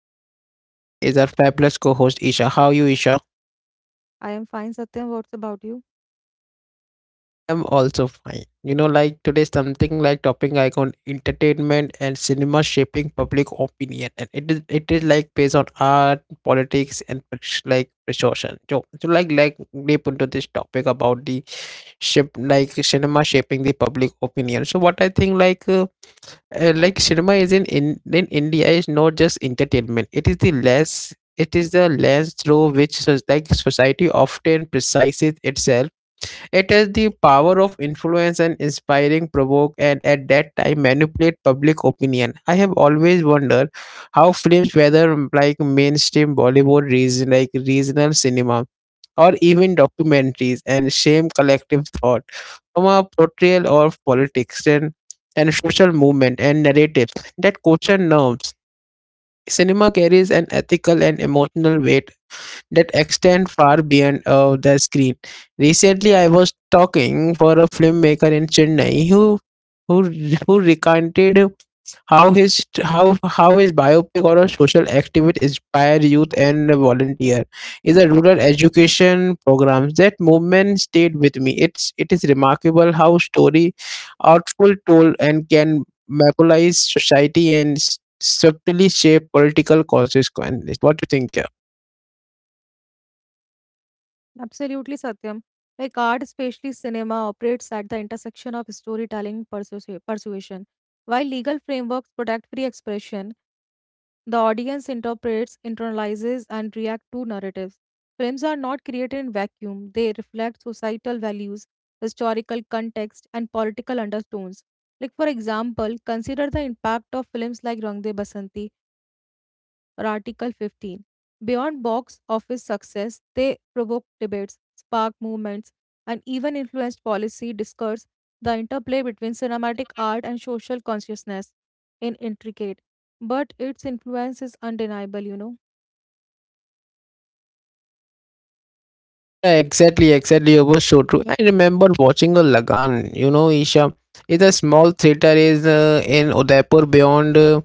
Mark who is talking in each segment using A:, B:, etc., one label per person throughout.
A: Satyam and with me is our fabulous co-host Isha. How are you, Isha?
B: I am fine, Satyam. What's about you?
A: I'm also fine. Like today something like topping icon entertainment and cinema shaping public opinion and it is like based on art, politics and persuasion. So like deep into this topic about the ship like cinema shaping the public opinion. So what I think like cinema is in India is not just entertainment. It is the less it is the lens through which society often precises itself. It has the power of influence and inspiring, provoke, and at that time manipulate public opinion. I have always wondered how films, whether like mainstream Bollywood, regional cinema or even documentaries and shame collective thought from a portrayal of politics and social movement and narratives that question norms. Cinema carries an ethical and emotional weight that extend far beyond the screen. Recently, I was talking for a filmmaker in Chennai who who recounted how his biopic or a social activist inspire youth and volunteer is a rural education programs. That movement stayed with me. It is remarkable how story outful told and can mobilize society and subtly shape political consequences. What do you think?
B: Absolutely, Satyam. Like art, especially cinema, operates at the intersection of storytelling persuasion. While legal frameworks protect free expression, the audience interprets, internalizes, and reacts to narratives. Films are not created in vacuum. They reflect societal values, historical context, and political undertones. Like for example, consider the impact of films like Rang De Basanti or Article 15. Beyond box office success, they provoked debates, sparked movements, and even influenced policy discourse. The interplay between cinematic art and social consciousness in intricate, but its influence is undeniable, you know.
A: Yeah, exactly, exactly. It was so true. I remember watching a Lagan, Isha. It's a small theater is in Udaipur beyond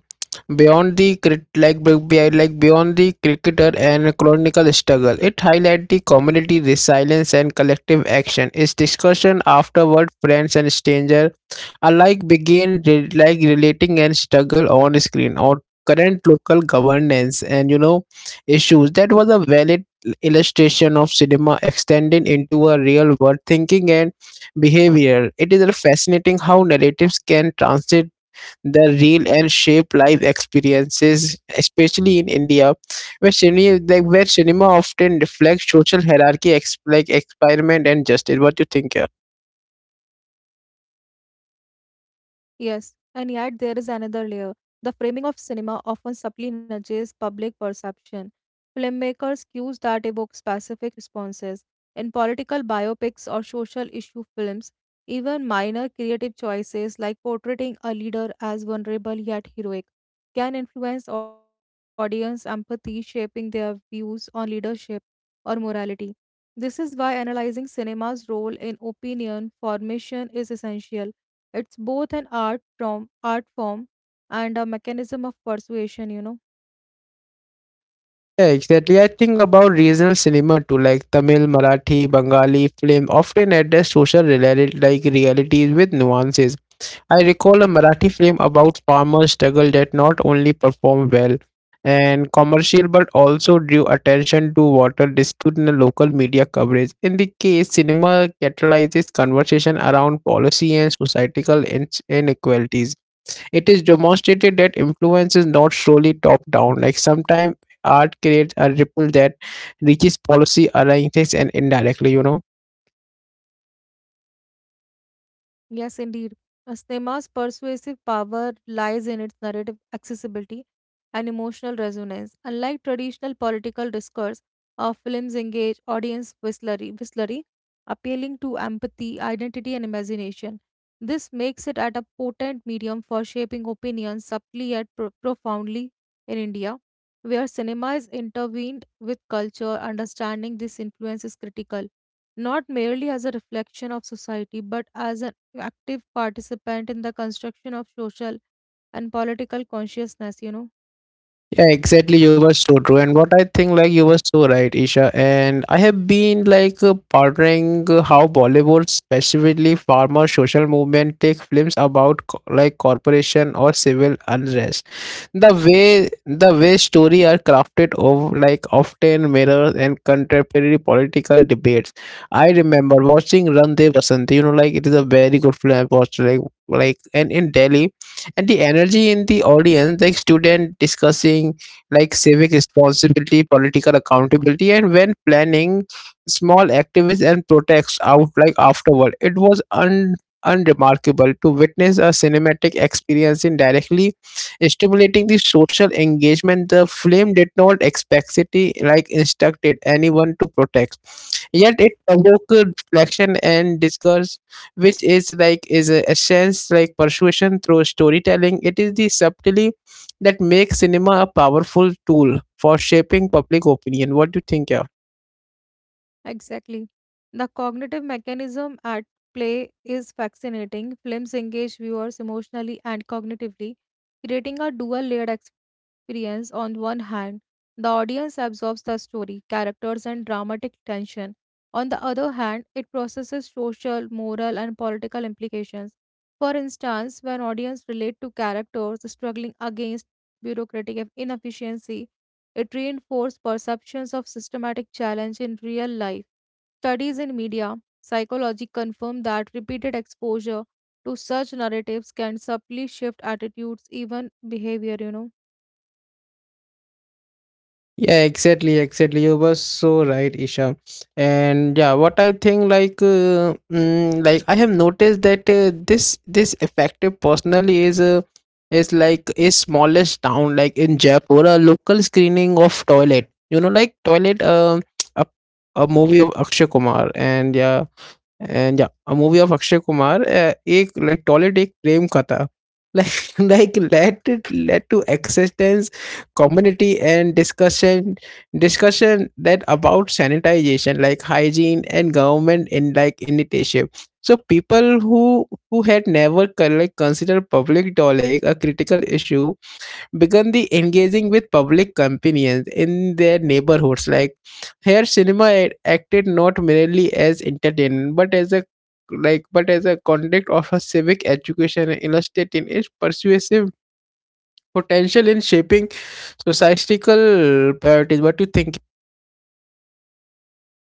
A: beyond the crit like be- like beyond the cricketer and chronicle struggle. It highlights the community resilience and collective action. Its discussion afterward, friends and stranger alike begin relating and struggle on screen or current local governance and issues that was a valid illustration of cinema extending into a real world thinking and behavior. It is fascinating how narratives can transit the real and shape life experiences, especially in India, where cinema like where cinema often reflects social hierarchy experiment and justice. What do you think here?
B: Yes, and yet there is another layer. The framing of cinema often subtly nudges public perception. Filmmakers cues that evoke specific responses. In political biopics or social issue films, even minor creative choices like portraying a leader as vulnerable yet heroic can influence audience empathy, shaping their views on leadership or morality. This is why analyzing cinema's role in opinion formation is essential. It's both an art from art form and a mechanism of persuasion, you know.
A: Yeah, exactly. I think about regional cinema too, like Tamil, Marathi, Bengali film often address social reality, like realities with nuances. I recall a Marathi film about farmer struggle that not only performed well and commercial but also drew attention to water dispute in the local media coverage. In the case, cinema catalyzes conversation around policy and societal inequalities. It is demonstrated that influence is not solely top down, like sometimes art creates a ripple that reaches policy arrangements and indirectly, you know.
B: Yes, indeed. A cinema's persuasive power lies in its narrative accessibility and emotional resonance. Unlike traditional political discourse, our films engage audience whistlery, appealing to empathy, identity, and imagination. This makes it at a potent medium for shaping opinions subtly yet profoundly in India, where cinema is intervened with culture. Understanding this influence is critical, not merely as a reflection of society, but as an active participant in the construction of social and political consciousness, you know.
A: Yeah, exactly. You were so true, and what I think, like you were so right, Isha. And I have been like pondering how Bollywood, specifically farmer social movement, take films about corporation or civil unrest, the way story are crafted of like often mirrors and contemporary political debates. I remember watching Randev Vasanti, you know, like it is a very good film. I watched like and in Delhi, and the energy in the audience like student discussing like civic responsibility, political accountability, and when planning small activists and protests out like afterward. It was un unremarkable to witness a cinematic experience in directly stimulating the social engagement. The film did not explicitly like instructed anyone to protest, yet it provoked reflection and discourse, which is a essence like persuasion through storytelling. It is the subtlety that makes cinema a powerful tool for shaping public opinion. What do you think? Yeah?
B: Exactly. The cognitive mechanism at play is fascinating. Films engage viewers emotionally and cognitively, creating a dual layered experience. On one hand, the audience absorbs the story, characters, and dramatic tension. On the other hand, it processes social, moral, and political implications. For instance, when audience relate to characters struggling against bureaucratic inefficiency, it reinforces perceptions of systematic challenge in real life. Studies in media psychology confirm that repeated exposure to such narratives can subtly shift attitudes, even behavior, you know.
A: Yeah, exactly, exactly. You were so right, Isha. And yeah, what I think, like, like I have noticed that this effective personally is a is like a smallest town, like in Jaipur, a local screening of Toilet. You know, like Toilet, a, a movie of Akshay Kumar, and yeah, a movie of Akshay Kumar, ek, like toilet, it a prem katha. Like, like led it led to existence, community and discussion that about sanitization, like hygiene and government in like initiative. So people who had never considered public toilet a critical issue began the engaging with public companions in their neighborhoods. Like here, cinema acted not merely as entertainment but as a but as a conduct of a civic education, illustrating its persuasive potential in shaping societal priorities. What do you think?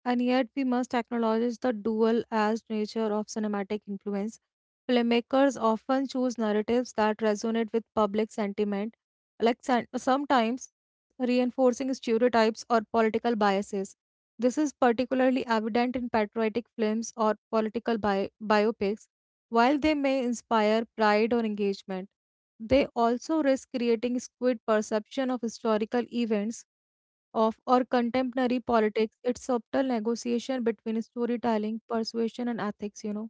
B: And yet, we must acknowledge the dual as nature of cinematic influence. Filmmakers often choose narratives that resonate with public sentiment, like sometimes reinforcing stereotypes or political biases. This is particularly evident in patriotic films or political biopics. While they may inspire pride or engagement, they also risk creating skewed perception of historical events of or contemporary politics. It's subtle negotiation between storytelling, persuasion, and ethics, you know.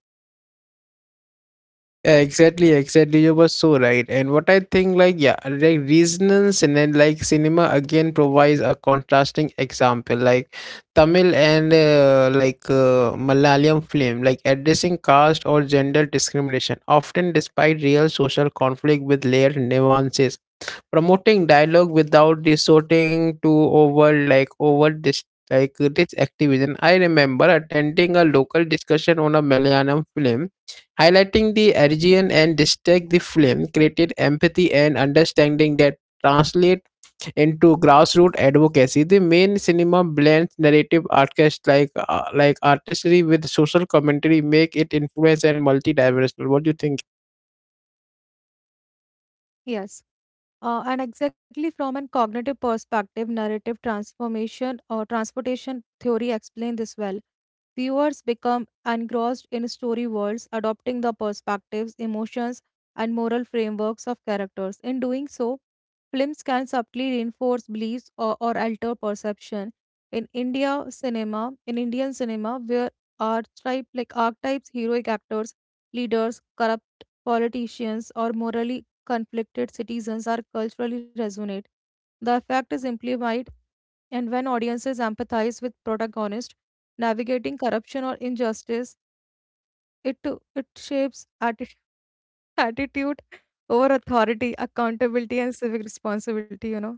A: Yeah, exactly, exactly. You were so right. And what I think, like, yeah, like resonance and then like cinema again provides a contrasting example, like Tamil and Malayalam film, like addressing caste or gender discrimination, often despite real social conflict with layered nuances, promoting dialogue without resorting to over this like this activism. I remember attending a local discussion on a Malayalam film highlighting the origin and district. The film created empathy and understanding that translate into grassroots advocacy. The main cinema blends narrative artists artistry with social commentary make it influence and multidimensional. What do you think?
B: Yes. And exactly from a cognitive perspective, narrative transformation or transportation theory explain this well. Viewers become engrossed in story worlds, adopting the perspectives, emotions, and moral frameworks of characters. In doing so, films can subtly reinforce beliefs or alter perception. In Indian cinema, where archetypes, heroic actors, leaders, corrupt politicians, or morally conflicted citizens are culturally resonate. The effect is amplified and when audiences empathize with protagonists navigating corruption or injustice, it shapes attitude over authority, accountability, and civic responsibility. You know.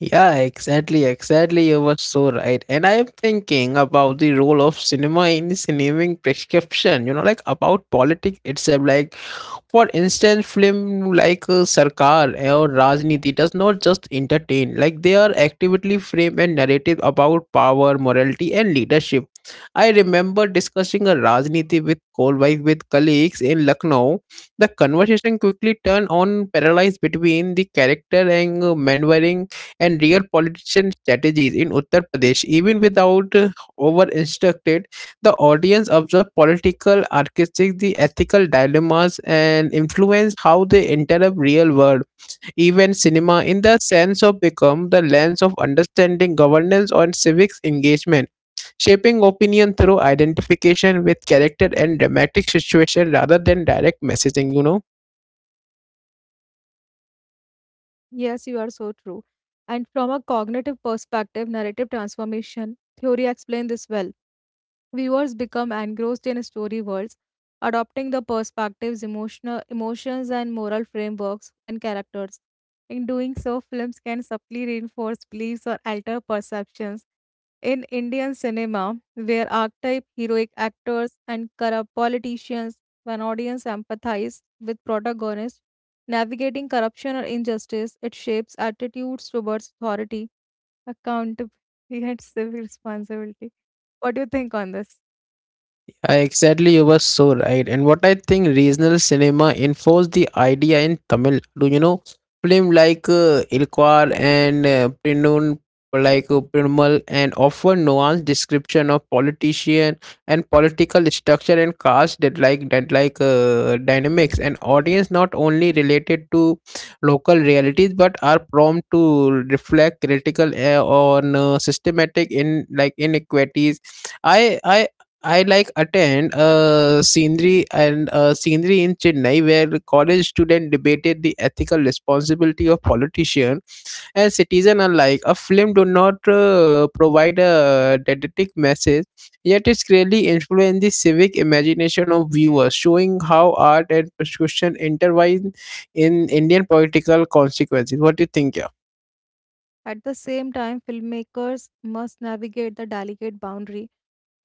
A: Yeah, exactly, exactly. You were so right. And I am thinking about the role of cinema in the cinematic prescription, you know, like about politics itself, like for instance, film like Sarkar or Rajniti does not just entertain, like they are actively frame and narrative about power, morality, and leadership. I remember discussing a Rajniti with Kolbhai with colleagues in Lucknow. The conversation quickly turned on parallels between the character and maneuvering and real politician strategies in Uttar Pradesh, even without over instructed. The audience observes political architecture, the ethical dilemmas, and influence how they interrupt real world. Even cinema, in the sense of become the lens of understanding governance and civics engagement, shaping opinion through identification with character and dramatic situation rather than direct messaging, you know.
B: Yes, you are so true. And from a cognitive perspective, narrative transformation theory explains this well. Viewers become engrossed in story worlds, adopting the perspectives, emotional emotions, and moral frameworks and characters. In doing so, films can subtly reinforce beliefs or alter perceptions, in Indian cinema, where archetype heroic actors and corrupt politicians, when audience empathize with protagonists navigating corruption or injustice, it shapes attitudes towards authority, accountability, and civic responsibility. What do you think on this?
A: Exactly, you were so right. And what I think regional cinema enforced the idea in Tamil. Do you know film like Ilkwar and Pinnun, like Pirmal, and offer nuanced description of politician and political structure and caste that like dynamics. And audience not only related to local realities but are prompt to reflect critical on systematic in like inequities. I I I like attend a scenery and a scenery in Chennai where the college student debated the ethical responsibility of politician and citizen alike. A film do not provide a didactic message, yet it's clearly influenced the civic imagination of viewers, showing how art and prescription intertwine in Indian political consequences. What do you think? Yeah.
B: At the same time, filmmakers must navigate the delicate boundary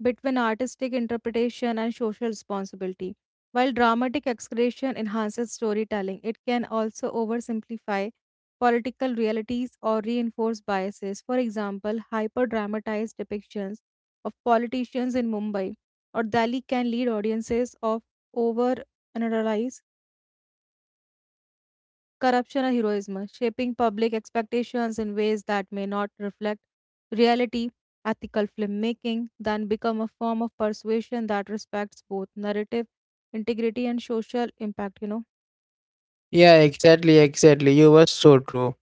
B: between artistic interpretation and social responsibility. While dramatic exaggeration enhances storytelling, it can also oversimplify political realities or reinforce biases. For example, hyper dramatized depictions of politicians in Mumbai or Delhi can lead audiences of over corruption or heroism, shaping public expectations in ways that may not reflect reality. Ethical filmmaking then become a form of persuasion that respects both narrative integrity and social impact, you know.
A: Yeah, exactly, exactly. You were so true.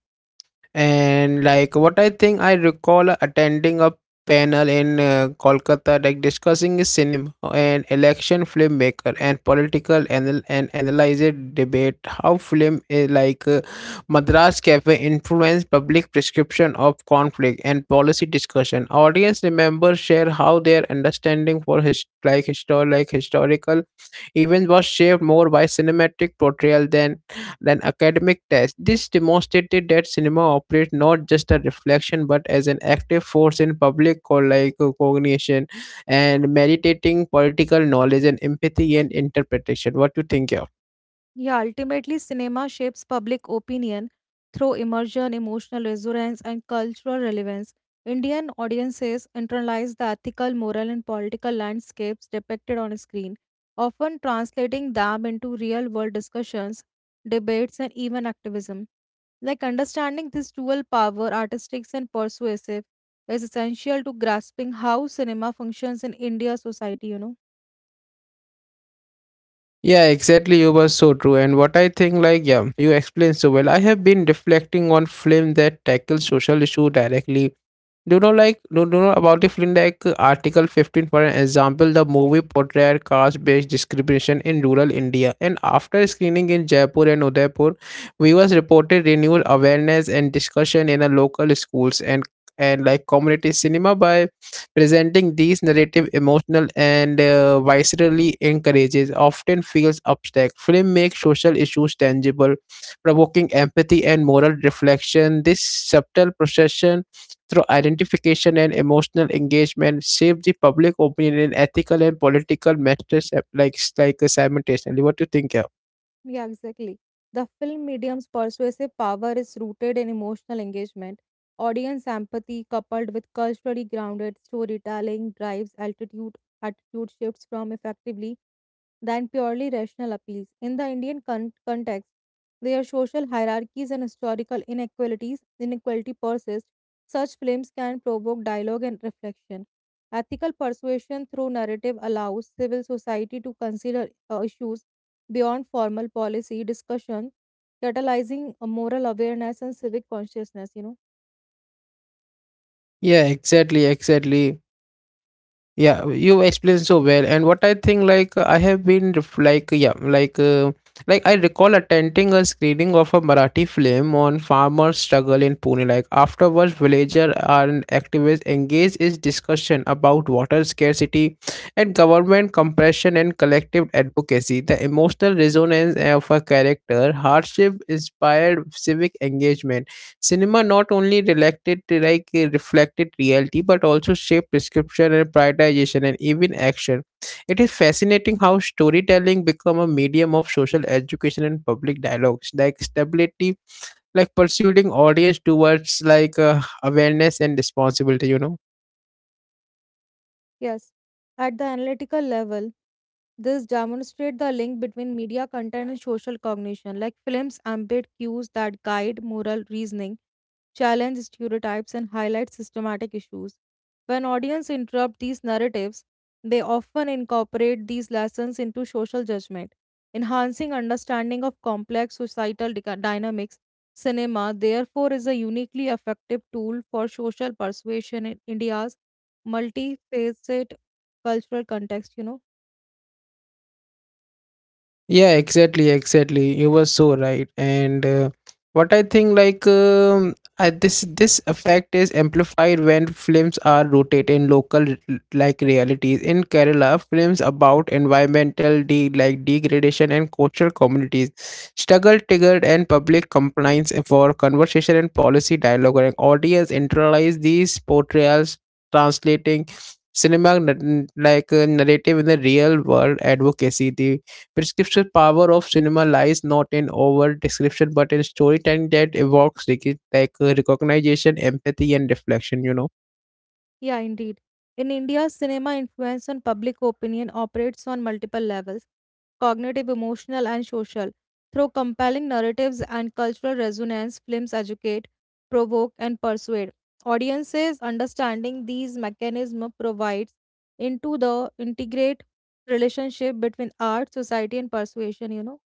A: And like what I think, I recall attending a panel in Kolkata, like discussing cinema and election filmmaker and political anal- and analyzer debate how film is like Madras Cafe influenced public prescription of conflict and policy discussion. Audience members share how their understanding for his historical events was shaped more by cinematic portrayal than academic tests. This demonstrated that cinema operates not just a reflection but as an active force in public cognition and meditating political knowledge and empathy and interpretation. What do you think of?
B: Yeah, ultimately, cinema shapes public opinion through immersion, emotional resonance, and cultural relevance. Indian audiences internalize the ethical, moral, and political landscapes depicted on screen, often translating them into real world discussions, debates, and even activism. Like understanding this dual power, artistic and persuasive, is essential to grasping how cinema functions in India society, you know.
A: Yeah, exactly. You were so true. And what I think, like, yeah, you explained so well. I have been reflecting on film that tackle social issue directly. Do you know about the film like Article 15, for an example? The movie portrayed caste-based discrimination in rural India. And after screening in Jaipur and Udaipur, viewers reported renewed awareness and discussion in the local schools and like community cinema by presenting these narrative emotional and viscerally encourages often feels abstract. Film makes social issues tangible, provoking empathy and moral reflection. This subtle procession through identification and emotional engagement shapes the public opinion in ethical and political matters simultaneously. What do you think? Yeah,
B: Yeah, exactly. The film medium's persuasive power is rooted in emotional engagement. Audience empathy coupled with culturally grounded storytelling drives altitude attitude shifts from effectively than purely rational appeals. In the Indian context, where social hierarchies and historical inequalities inequality persist, such films can provoke dialogue and reflection. Ethical persuasion through narrative allows civil society to consider issues beyond formal policy discussion, catalyzing a moral awareness and civic consciousness, you know.
A: yeah exactly, exactly. Yeah, you explained so well. And what I think, like, I have been I recall attending a screening of a Marathi film on farmer struggle in Pune. Like afterwards villager and activists engaged in discussion about water scarcity and government compression and collective advocacy. The emotional resonance of a character hardship inspired civic engagement. Cinema not only reflected reflected reality but also shaped prescription and prioritization and even action. It is fascinating how storytelling become a medium of social education and public dialogues. Like stability, like pursuing audience towards awareness and responsibility. You know.
B: Yes, at the analytical level, this demonstrates the link between media content and social cognition, like films embed cues that guide moral reasoning, challenge stereotypes, and highlight systematic issues. When audience interrupt these narratives, they often incorporate these lessons into social judgment, enhancing understanding of complex societal dynamics. Cinema, therefore, is a uniquely effective tool for social persuasion in India's multifaceted cultural context, you know?
A: Yeah, exactly, exactly. You were so right. And what I think, like, this effect is amplified when films are rooted in local realities. In Kerala, films about environmental degradation and coastal communities struggle triggered and public compliance for conversation and policy dialogue. And audience internalize these portrayals, translating cinema narrative in the real world advocacy. The prescriptive power of cinema lies not in overt description but in storytelling that evokes recognition, empathy, and reflection.
B: Yeah, indeed. In India, cinema influence on public opinion operates on multiple levels cognitive, emotional, and social. Through compelling narratives and cultural resonance, films educate, provoke, and persuade. Audiences understanding these mechanisms provides into the integrate relationship between art, society, and persuasion, you know.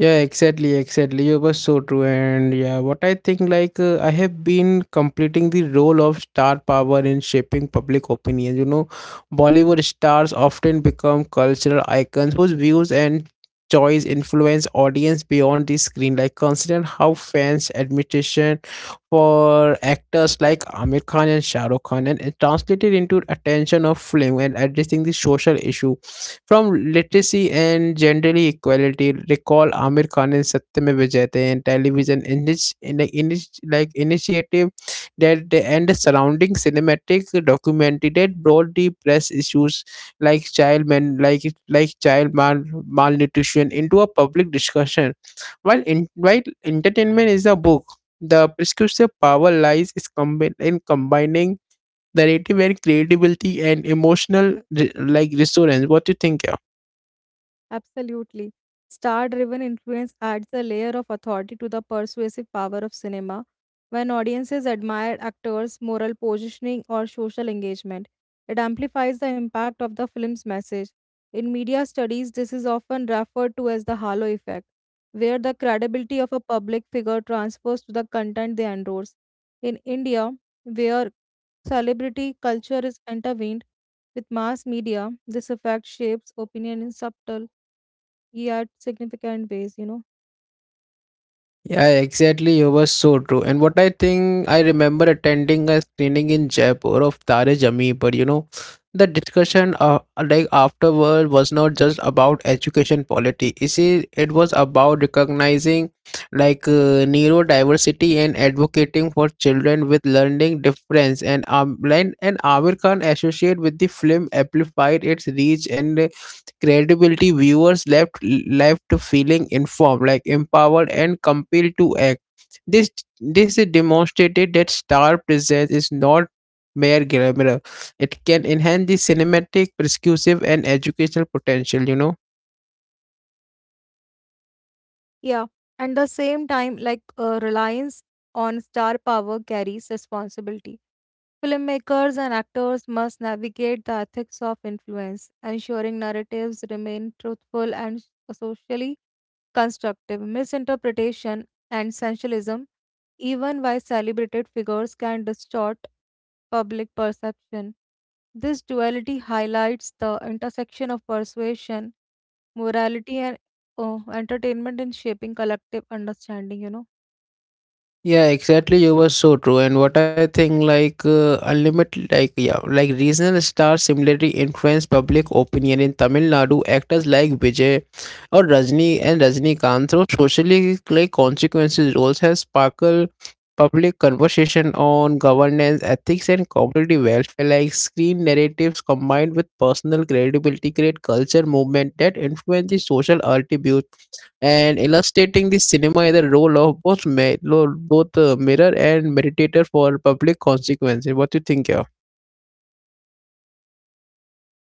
A: Yeah, exactly. You were so true. And yeah, what I think, I have been completing the role of star power in shaping public opinion. You know, Bollywood stars often become cultural icons whose views and choice influence audience beyond the screen. Like, consider how fans' admiration for actors like Amir Khan and Shah Rukh Khan, and it translated into attention of film and addressing the social issue from literacy and gender equality. Recall Amir Khan and Satyam Vijayate and television in this, like initiative that they, and the surrounding cinematic documentary that brought the press issues like child men like like child malnutrition into a public discussion while in, while entertainment is a book the prescriptive power lies is in combining narrative and creativity and emotional resonance. What do you think?
B: Absolutely. Star-driven influence adds a layer of authority to the persuasive power of cinema. When audiences admire actors' moral positioning or social engagement, it amplifies the impact of the film's message. In media studies, this is often referred to as the halo effect, where the credibility of a public figure transfers to the content they endorse. In India, where celebrity culture is intervened with mass media, this effect shapes opinion in subtle yeah significant ways, you know.
A: Yeah, exactly. You were so true. And what I think, I remember attending a screening in Jaipur of Tare Zameen Par. You know, the discussion, like afterward, was not just about education policy. You see, it was about recognizing, neurodiversity and advocating for children with learning difference. And Amir Khan associated with the film amplified its reach and credibility, viewers left feeling informed, like empowered and compelled to act. This this demonstrated that star presence is not mere glamour. It can enhance the cinematic, prescriptive, and educational potential. You know.
B: Yeah, and the same time reliance on star power carries responsibility. Filmmakers and actors must navigate the ethics of influence, ensuring narratives remain truthful and socially constructive. Misinterpretation and sensationalism, even by celebrated figures, can distort public perception. This duality highlights the intersection of persuasion, morality, and oh, entertainment in shaping collective understanding, you know.
A: Yeah, exactly. You were so true. And what I think, unlimited, like regional stars similarly influence public opinion in Tamil Nadu. Actors like Vijay or Rajnikant through socially like consequences roles has sparked public conversation on governance, ethics, and community welfare. Like screen narratives combined with personal credibility create culture movement that influence the social attributes and illustrating the cinema as a role of both mirror and meditator for public consequences. What do you think, yeah?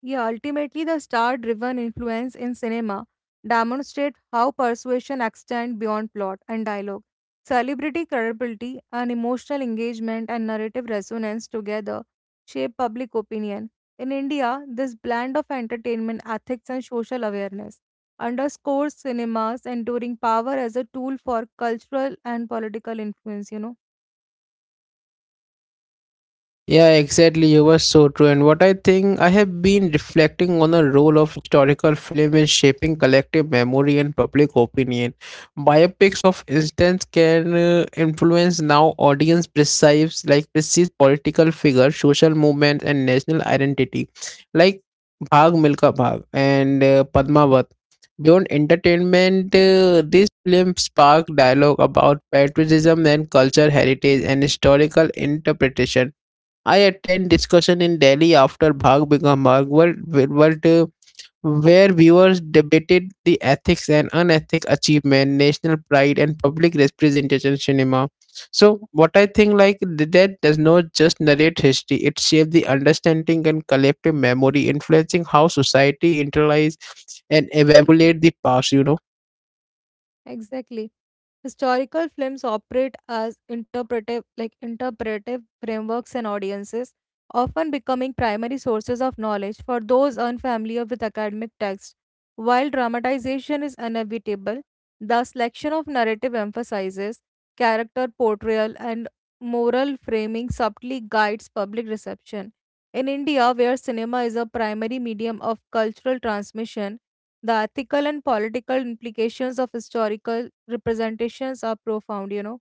B: Yeah, ultimately, the star driven influence in cinema demonstrates how persuasion extends beyond plot and dialogue. Celebrity credibility and emotional engagement and narrative resonance together shape public opinion. In India, this blend of entertainment, ethics, and social awareness underscores cinema's enduring power as a tool for cultural and political influence, you know.
A: Yeah, exactly. You were so true. And what I think, I have been reflecting on the role of historical film in shaping collective memory and public opinion. Biopics of instance can influence now audience perceives political figures, social movements, and national identity, like Bhag Milka Bhag and Padmavat. Beyond entertainment, this film sparked dialogue about patriotism and culture heritage and historical interpretation. I attend discussion in Delhi after Bhag Become Bhag, world, uh, where viewers debated the ethics and unethic achievement, national pride, and public representation cinema. So, what I think that does not just narrate history; it shapes the understanding and collective memory, influencing how society internalize and evaluate the past. You know.
B: Exactly. Historical films operate as interpretive frameworks and audiences, often becoming primary sources of knowledge for those unfamiliar with academic texts. While dramatization is inevitable, the selection of narrative emphasizes character portrayal and moral framing subtly guides public reception. In India, where cinema is a primary medium of cultural transmission, the ethical and political implications of historical representations are profound, you know.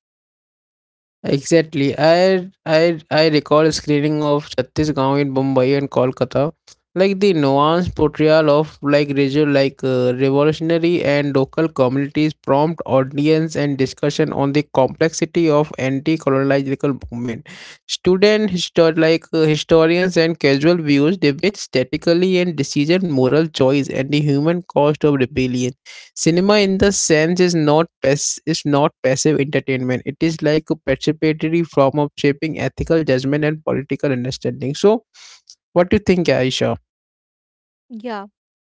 A: Exactly. I recall a screening of Chhattisgarh in Mumbai and Kolkata. Like the nuanced portrayal of like regional revolutionary and local communities prompt audience and discussion on the complexity of anti-colonial movement. Student historians and casual views debate statically and decision moral choice and the human cost of rebellion cinema in the sense is not pass- is not passive entertainment. It is like a participatory form of shaping ethical judgment and political understanding. So what do you think, Aisha?
B: Yeah,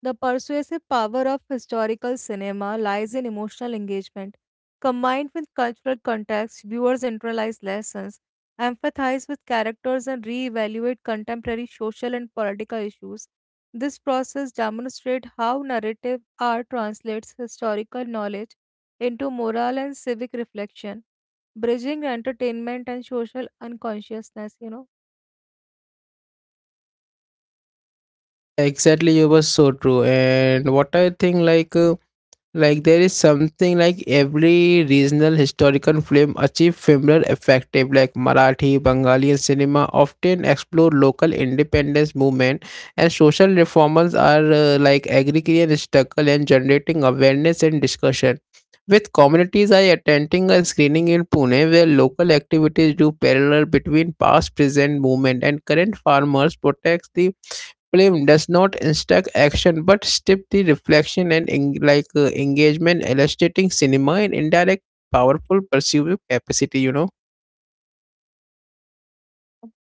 B: the persuasive power of historical cinema lies in emotional engagement. Combined with cultural context, viewers internalize lessons, empathize with characters, and reevaluate contemporary social and political issues. This process demonstrates how narrative art translates historical knowledge into moral and civic reflection, bridging entertainment and social unconsciousness, you know.
A: Exactly. You were so true. And what I think like there is something like every regional historical film achieve similar effective like Marathi, Bengali and cinema often explore local independence movement and social reformers are like agrarian struggle and generating awareness and discussion. With communities I attending a screening in Pune where local activities do parallel between past present movement and current farmers protects the film does not instruct action but stir the reflection and engagement, illustrating cinema and indirect powerful perceiving capacity. You know.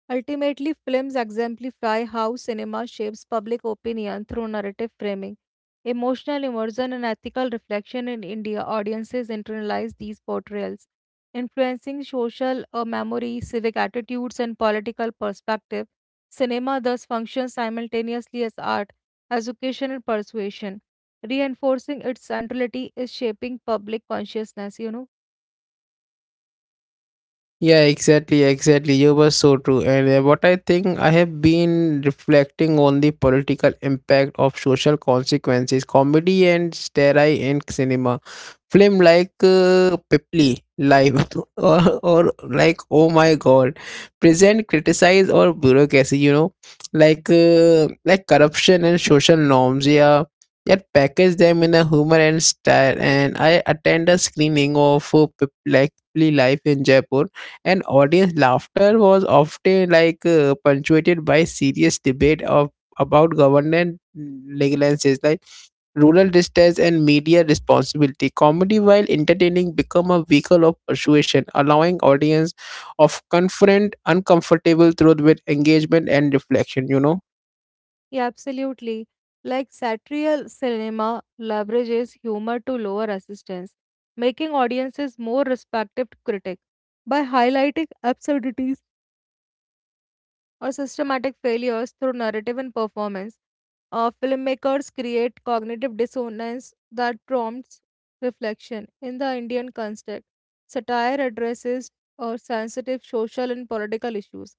B: Ultimately, films exemplify how cinema shapes public opinion through narrative framing. Emotional immersion and ethical reflection in India, audiences internalize these portrayals, influencing social memory, civic attitudes, and political perspective. Cinema thus functions simultaneously as art, education, and persuasion, reinforcing its centrality is shaping public consciousness, you know.
A: Yeah, exactly. You were so true. And what I think I have been reflecting on the political impact of social consequences, comedy and stare in cinema. Film like Pipli Live or like Oh My God, present criticize or bureaucracy. You know, like corruption and social norms. Yeah, yet package them in a humor and style. And I attend a screening of Pipli Live in Jaipur, and audience laughter was often punctuated by serious debate of about government legality like rural distress and media responsibility comedy while entertaining become a vehicle of persuasion allowing audience of confront uncomfortable truth with engagement and reflection. You know.
B: Yeah, absolutely. Like satirical cinema leverages humor to lower resistance, making audiences more respective to critic by highlighting absurdities or systematic failures through narrative and performance. Filmmakers create cognitive dissonance that prompts reflection. In the Indian context, satire addresses sensitive social and political issues,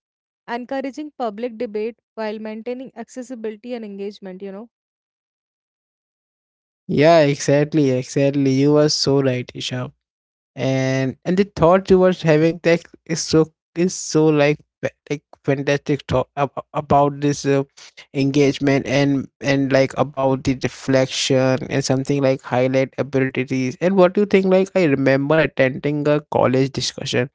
B: encouraging public debate while maintaining accessibility and engagement. You know.
A: Yeah, exactly. You are so right, Isha. And the thought you were having that is so is so fantastic thought about this engagement and like about the deflection and something like highlight abilities. And what do you think? Like I remember attending a college discussion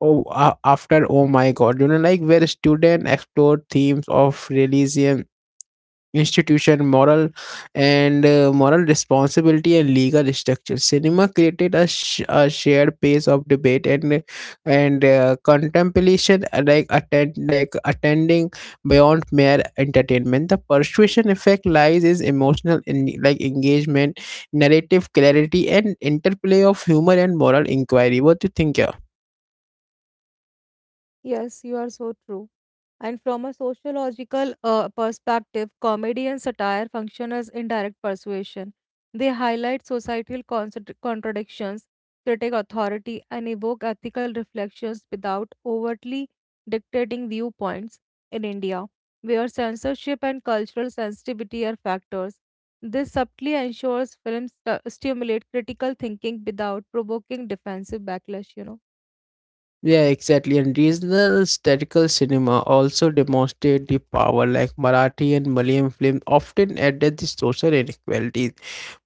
A: after Oh My God, you know, like where student explored themes of religion institution, moral and moral responsibility and legal structure. Cinema created a a shared pace of debate and contemplation, attending beyond mere entertainment. The persuasion effect lies is emotional in like engagement, narrative clarity, and interplay of humor and moral inquiry. What do you think?
B: Yes, you are so true. And from a sociological perspective, comedy and satire function as indirect persuasion. They highlight societal contradictions, critique authority, and evoke ethical reflections without overtly dictating viewpoints. In India, where censorship and cultural sensitivity are factors, this subtly ensures films stimulate critical thinking without provoking defensive backlash, you know.
A: Yeah, exactly. And regional satirical cinema also demonstrate the power, like Marathi and Malayalam films often address the social inequalities,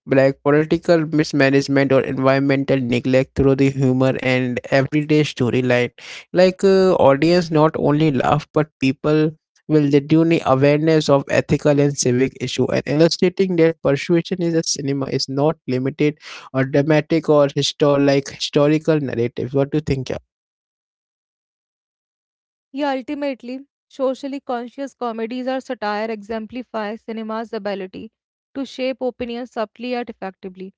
A: like political mismanagement or environmental neglect through the humor and everyday storyline. Audience not only laugh, but people will genuinely awareness of ethical and civic issue and illustrating that persuasion is a cinema is not limited or dramatic or historical narratives. What do you think?
B: Yeah, ultimately, socially conscious comedies or satire exemplify cinema's ability to shape opinions subtly yet effectively.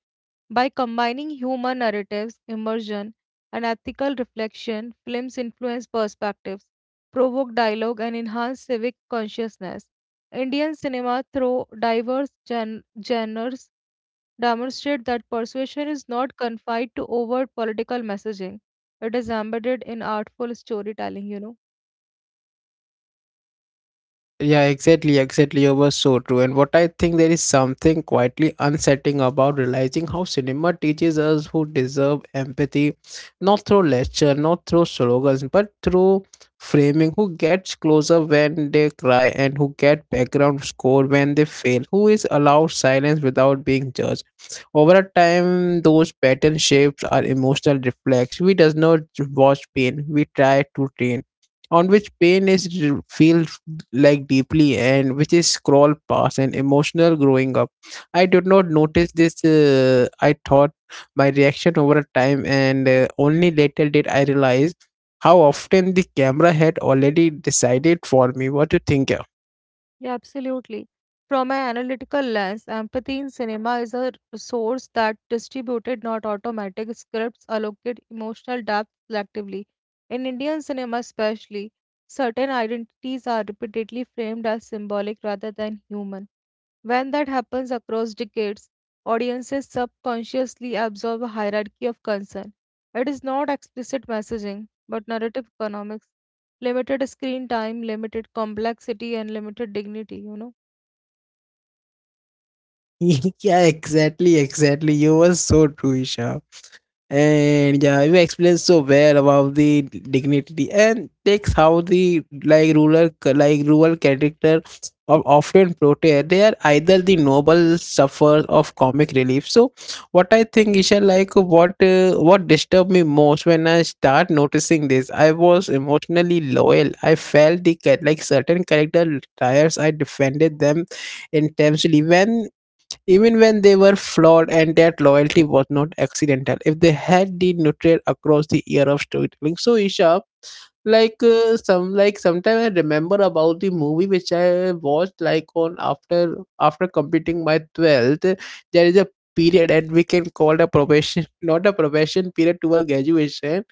B: By combining human narratives, immersion, and ethical reflection, films influence perspectives, provoke dialogue, and enhance civic consciousness. Indian cinema, through diverse genres, demonstrate that persuasion is not confined to overt political messaging. It is embedded in artful storytelling, you know.
A: Yeah, exactly. You were so true. And what I think there is something quietly unsettling about realizing how cinema teaches us who deserve empathy, not through lecture, not through slogans, but through framing who gets closer when they cry and who get background score when they fail, who is allowed silence without being judged. Over a time, those pattern shapes are emotional reflex. We does not watch pain, we try to train on which pain is feel like deeply and which is scroll past and emotional growing up. I did not notice this. I thought my reaction over a time, and only later did I realize how often the camera had already decided for me. What do you think, yeah?
B: Yeah, absolutely. From an analytical lens, empathy in cinema is a resource that distributed, not automatic, scripts allocate emotional depth selectively. In Indian cinema, especially, certain identities are repeatedly framed as symbolic rather than human. When that happens across decades, audiences subconsciously absorb a hierarchy of concern. It is not explicit messaging, but narrative economics. Limited screen time, limited complexity, and limited dignity, you know.
A: Yeah, exactly. You were so true, Isha. And yeah, you explained so well about the dignity and takes how the rural character of often portrayed. They are either the noble sufferers of comic relief. So, what I think, Isha, like what disturbed me most when I start noticing this, I was emotionally loyal. I felt the certain character tires. I defended them intensely when even when they were flawed, and that loyalty was not accidental if they had been nurtured across the year of storytelling. So Isha, sometime I remember about the movie which I watched like on after completing my 12th. There is a period and we can call it a probation not a probation period to our graduation.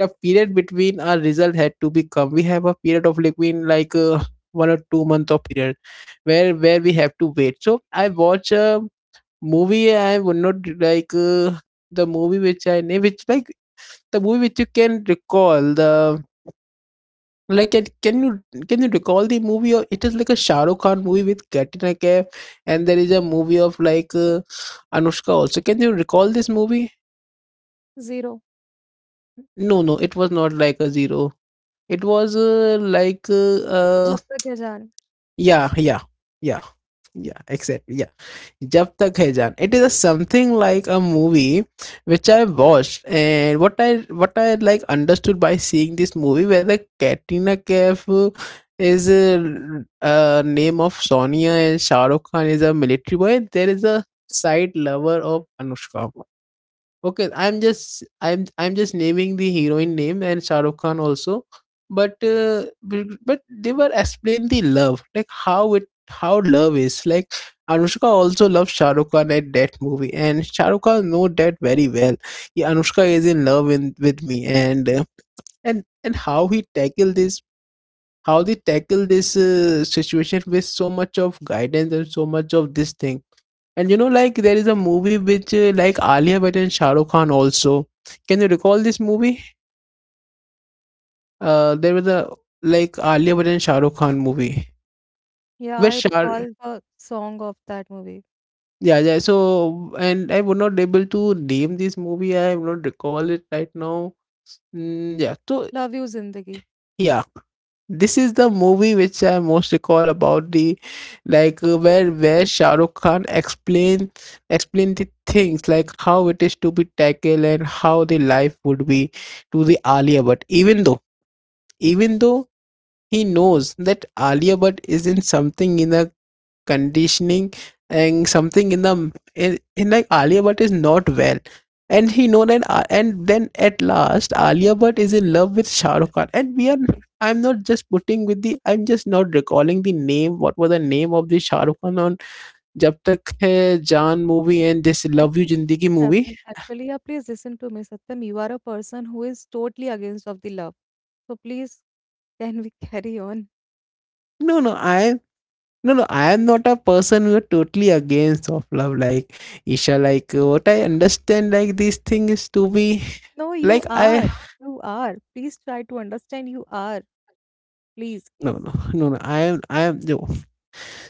A: The period between our result had to become we have a period of between 1 or 2 month of period where we have to wait. So I watch a movie. I would not like the movie which I name which like the movie which you can recall the like can you recall the movie? Or it is like a Shah Rukh Khan movie with Katrina Kaif, and there is a movie of Anushka also. Can you recall this movie?
B: Zero.
A: No, it was not like a zero. It was
B: Jab tak hai jaan.
A: yeah. Yeah yeah yeah exactly, yeah. Jab Tak Hai Jaan. It is a something like a movie which I watched, and what I understood by seeing this movie where the Katrina Kaif is a, name of Sonia, and Shah Rukh Khan is a military boy. There is a side lover of Anushka. Okay, I'm just naming the heroine name and Shah Rukh Khan also, but but they were explain the love like how love is like. Anushka also loves Shah Rukh Khan at that movie, and Shah Rukh Khan know that very well. Yeah, Anushka is in love in, with me, and and how he tackle this, how they tackle this situation with so much of guidance and so much of this thing. And you know, like there is a movie which like Alia Bhatt and Shah Rukh Khan also. Can you recall this movie? There was a like Alia Bhatt and Shah Rukh Khan movie
B: Yeah,
A: where
B: I
A: Shah.
B: recall the song of that movie.
A: Yeah, yeah. So and I would not able to name this movie. I am not recall it right now. Mm, yeah. So
B: Love You Zindagi.
A: yeah. This is the movie which I most recall about the like where Shah Rukh Khan explain the things like how it is to be tackled and how the life would be to the Alia But Even though he knows that Alia Bhatt is in something in a conditioning and something in the in like Alia Bhatt is not well. And he know that and then at last Alia Bhatt is in love with Shah Rukh Khan. And we are, I'm not just putting with the, I'm just not recalling the name. What was the name of the Shah Rukh Khan on Jab Tak Hai Jaan movie and this Love
B: Actually,
A: You
B: what
A: Jindagi movie?
B: happened? Actually, yeah, please listen to me, Satyam. You are a person who is totally against of the love. So please, can we carry on?
A: No, no, I, no no I am not a person who are totally against of love, like Isha, like what I understand, like this thing is to be
B: No, you
A: like
B: are.
A: I,
B: You are. Please try to understand. You are. Please.
A: no no no no I am yo.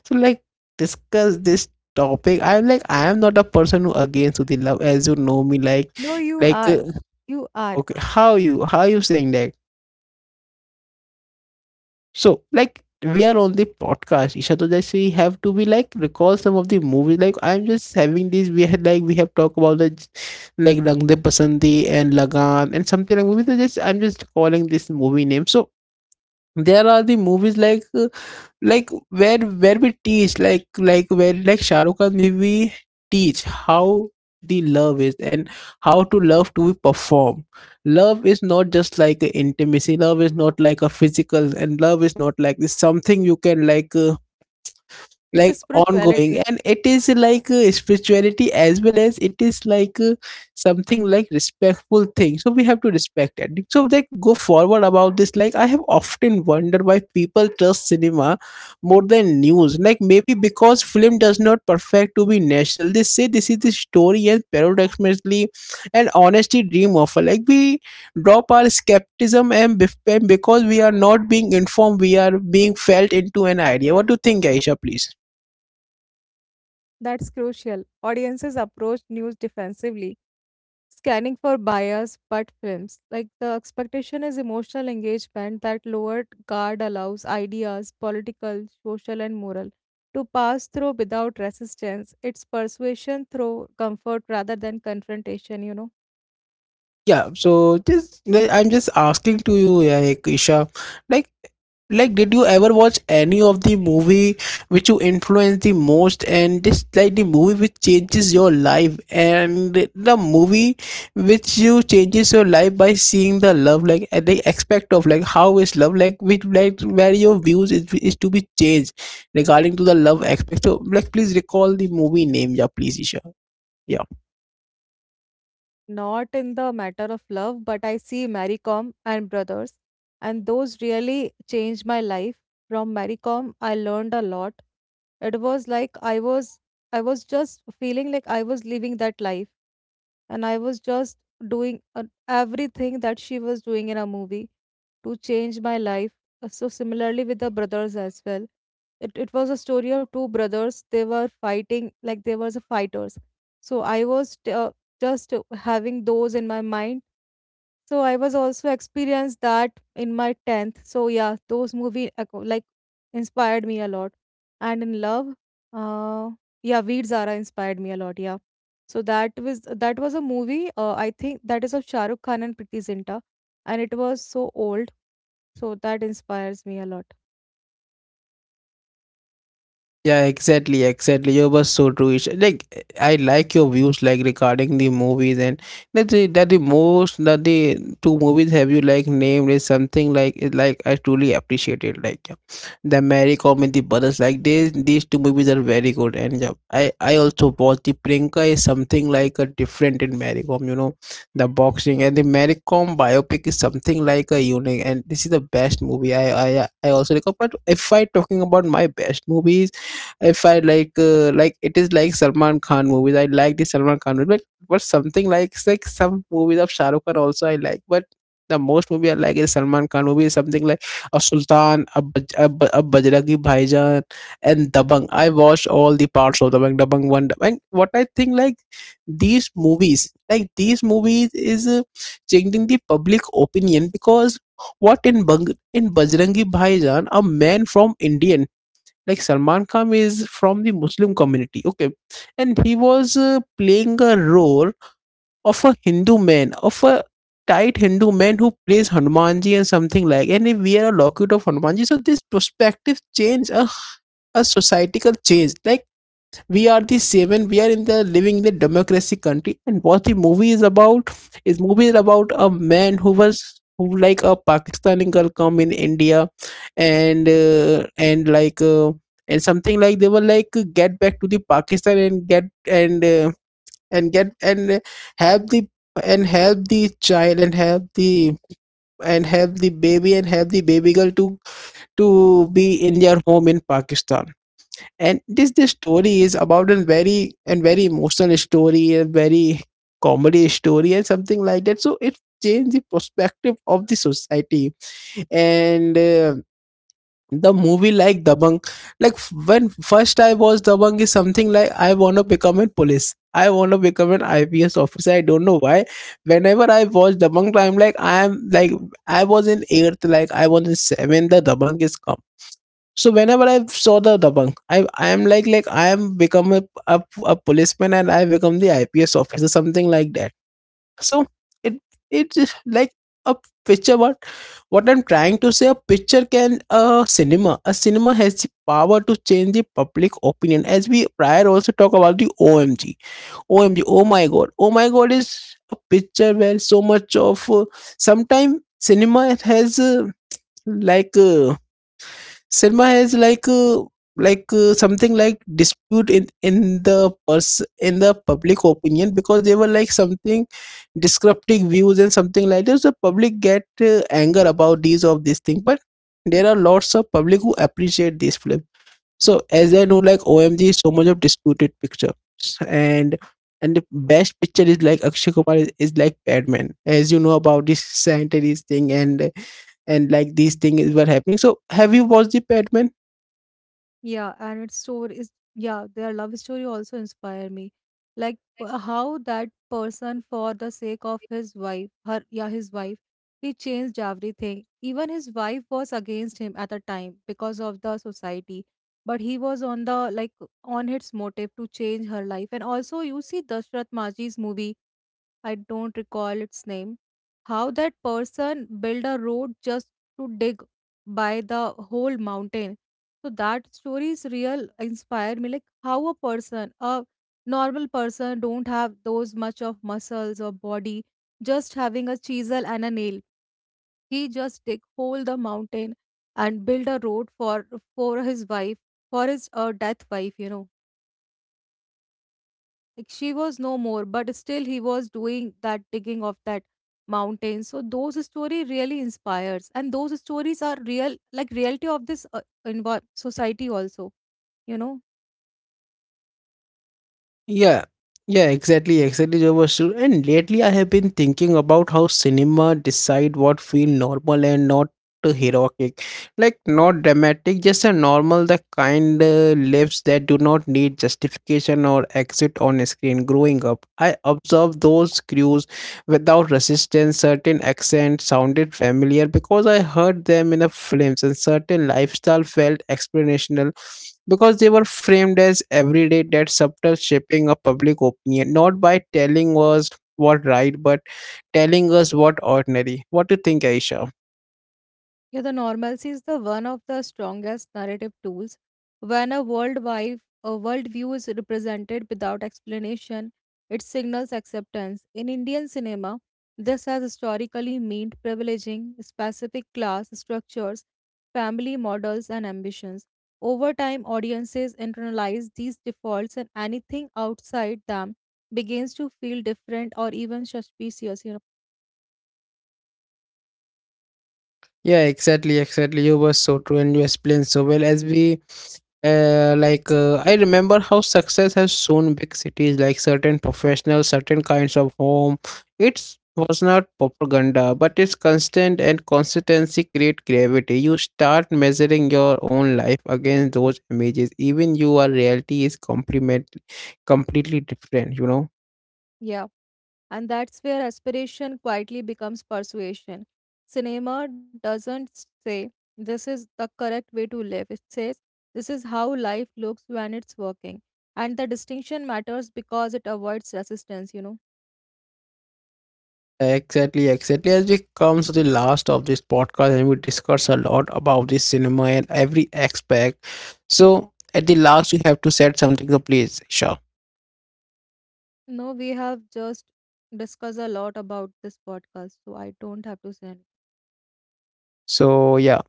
A: So like discuss this topic, I'm like I am not a person who against with the love as you know me like
B: No, you
A: like
B: are.
A: uh,
B: You are.
A: okay, how you saying that. So like we are on the podcast, Isha, to just we have to be like recall some of the movies, like I'm just having these, we had like we have talked about the like Rang De Pasandi and Lagan and something like movies. I'm just calling this movie name. So there are the movies like where we teach like where like Shah Rukh Khan we teach how the love is and how to love to perform. Love is not just like a intimacy. Love is not like a physical, and love is not like this something you can like.
B: It's a
A: Like ongoing
B: spirituality.
A: and it is like spirituality as well as it is like something like respectful thing, so we have to respect it. So like go forward about this. Like, I have often wondered why people trust cinema more than news. Like, maybe because film does not perfect to be national, they say this is the story, and paradoxically and honesty dream of, like, we drop our skepticism and and because we are not being informed, we are being felt into an idea. What do you think, Aisha, please?
B: That's crucial. Audiences approach news defensively, scanning for bias, but films. Like the expectation is emotional engagement that lowered guard allows ideas, political, social, and moral, to pass through without resistance. It's persuasion through comfort rather than confrontation, you know.
A: Yeah, so just like, I'm just asking to you, like Isha, like did you ever watch any of the movie which you influenced the most, and this like the movie which changes your life, and the movie which you changes your life by seeing the love, like at the aspect of like how is love, like which like where your views is to be changed regarding to the love aspect. So like please recall the movie name. Yeah, please Isha. Yeah.
B: Not in the matter of love, but I see Mary Kom and Brothers, and those really changed my life. From Mary Kom, I learned a lot. It was like I was just feeling like I was living that life, and I was just doing everything that she was doing in a movie to change my life. So similarly with the brothers as well. It was a story of two brothers. They were fighting like they were the fighters. So just having those in my mind. So I was also experienced that in my 10th. So yeah, those like inspired me a lot. And in love, uh, yeah, Veer Zara inspired me a lot. Yeah. So that was a movie. I think that is of Shah Rukh Khan and Priti Zinta, and it was so old. So that inspires me a lot.
A: Yeah, exactly, exactly. You were so true, Ish. Like I like your views like regarding the movies, and that the most that the two movies have you like named is something like, is like, I truly appreciate it. Like, yeah. The Mary Com and the Brothers, like these two movies are very good. And yeah, I also watched the Prinka is something like a different in Mary Com. You know, the boxing and the Mary Com biopic is something like a unique, and this is the best movie. I also recall. But if I talking about my best movies, if I like it is like Salman Khan movies. I like the Salman Khan movies, but something like some movies of Shah Rukh Khan also I like, but. The most movie I like is Salman Khan movie, something like a Sultan, a, a Bajrangi Bhaijaan, and Dabang. I watched all the parts of Dabang, Dabang One, Dabang. What I think, like these movies, is changing the public opinion. Because what in Bajrangi Bhaijaan, a man from Indian, like Salman Khan, is from the Muslim community. Okay. And he was playing a role of a Hindu man, of a tight Hindu man who plays Hanumanji and something like, and if we are a locket of Hanumanji, so this perspective change, a societal change. Like, we are the seven, we are in the living in the democracy country, and what the movie is about is movie is about a man who was who like a Pakistani girl come in India and like and something like they were like get back to the Pakistan and uh, and get and have the and help the child and help the baby and help the baby girl to be in their home in Pakistan. And this story is about a very and very emotional story, a very comedy story and something like that, so it changed the perspective of the society. And the movie like Dabang, like when first I watched Dabang is something like I want to become a police, I want to become an IPS officer. I don't know why, whenever I watch Dabang, I'm like I am like I was in eighth, like I was in seventh. The Dabang is, so whenever I saw the Dabang, I am like I am become a policeman and I become the IPS officer, something like that. So it it's like a picture. What I'm trying to say, a picture can, a cinema. A cinema has the power to change the public opinion. As we prior also talk about the OMG OMG, oh my god is a picture where so much of sometime cinema has. Like Selma has like something like dispute in the in the public opinion because they were like something disrupting views and something like this. The public get anger about these of this thing. But there are lots of public who appreciate this film. So as I know, like OMG is so much of disputed picture and. And the best picture is like Akshay Kumar is like Batman, as you know, about this sanitary thing, and like these things were happening. So have you watched the Batman?
B: Yeah, and its story is yeah, their love story also inspire me. Like how that person for the sake of his wife, her yeah, his wife, he changed everything. Even his wife was against him at the time because of the society. But he was on the like on its motive to change her life. And also you see Dashrath Maji's movie, I don't recall its name, how that person built a road just to dig by the whole mountain. So that story is real inspired me like how a person, a normal person don't have those much of muscles or body, just having a chisel and a nail. He just dig whole the mountain and build a road for his wife, for his death wife, like she was no more, but still he was doing that digging of that mountain. So those story really inspires, and those stories are real, like reality of this society also. You know.
A: Yeah, yeah, exactly, exactly, Jobashu. And lately, I have been thinking about how cinema decide what feel normal and not heroic, like not dramatic, just a normal, the kind lives that do not need justification or exit on screen. Growing up, I observed those crews without resistance. Certain accents sounded familiar because I heard them in a films, and certain lifestyle felt explanational because they were framed as everyday. That subtle shaping of public opinion, not by telling us what right, but telling us what ordinary. What do you think, Aisha?
B: Yeah, the normalcy is the one of the strongest narrative tools. When a worldwide a worldview is represented without explanation, it signals acceptance. In Indian cinema, this has historically meant privileging specific class structures, family models, and ambitions. Over time, audiences internalize these defaults, and anything outside them begins to feel different or even suspicious. You know,
A: Yeah, exactly, exactly. You were so true and you explained so well. As we like I remember how success has shown big cities, like certain professionals, certain kinds of home. It was not propaganda, but it's constant and consistency create gravity. You start measuring your own life against those images. Even your reality is complement completely different, you know.
B: yeah. And that's where aspiration quietly becomes persuasion. Cinema doesn't say, this is the correct way to live. It says, this is how life looks when it's working. And the distinction matters because it avoids resistance, you know.
A: Exactly, exactly. As we come to the last of this podcast, and we discuss a lot about the cinema and every aspect. So at the last, you have to set something to please, Isha.
B: No, we have just discussed a lot about this podcast, so I don't have to say anything.
A: So, yeah.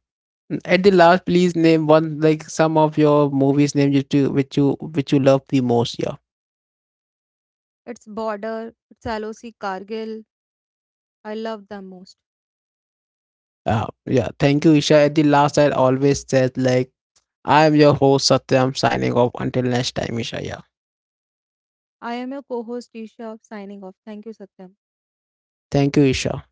A: At the last, please name one, like some of your movies name you to which you, which you love the most. Yeah.
B: It's Border, it's LOC Cargill. I love them most.
A: Yeah. Thank you, Isha. At the last, I always said, like, I am your host Satyam signing off until next time, Isha. Yeah.
B: I am your co host, Isha, signing off. Thank you, Satyam.
A: Thank you, Isha.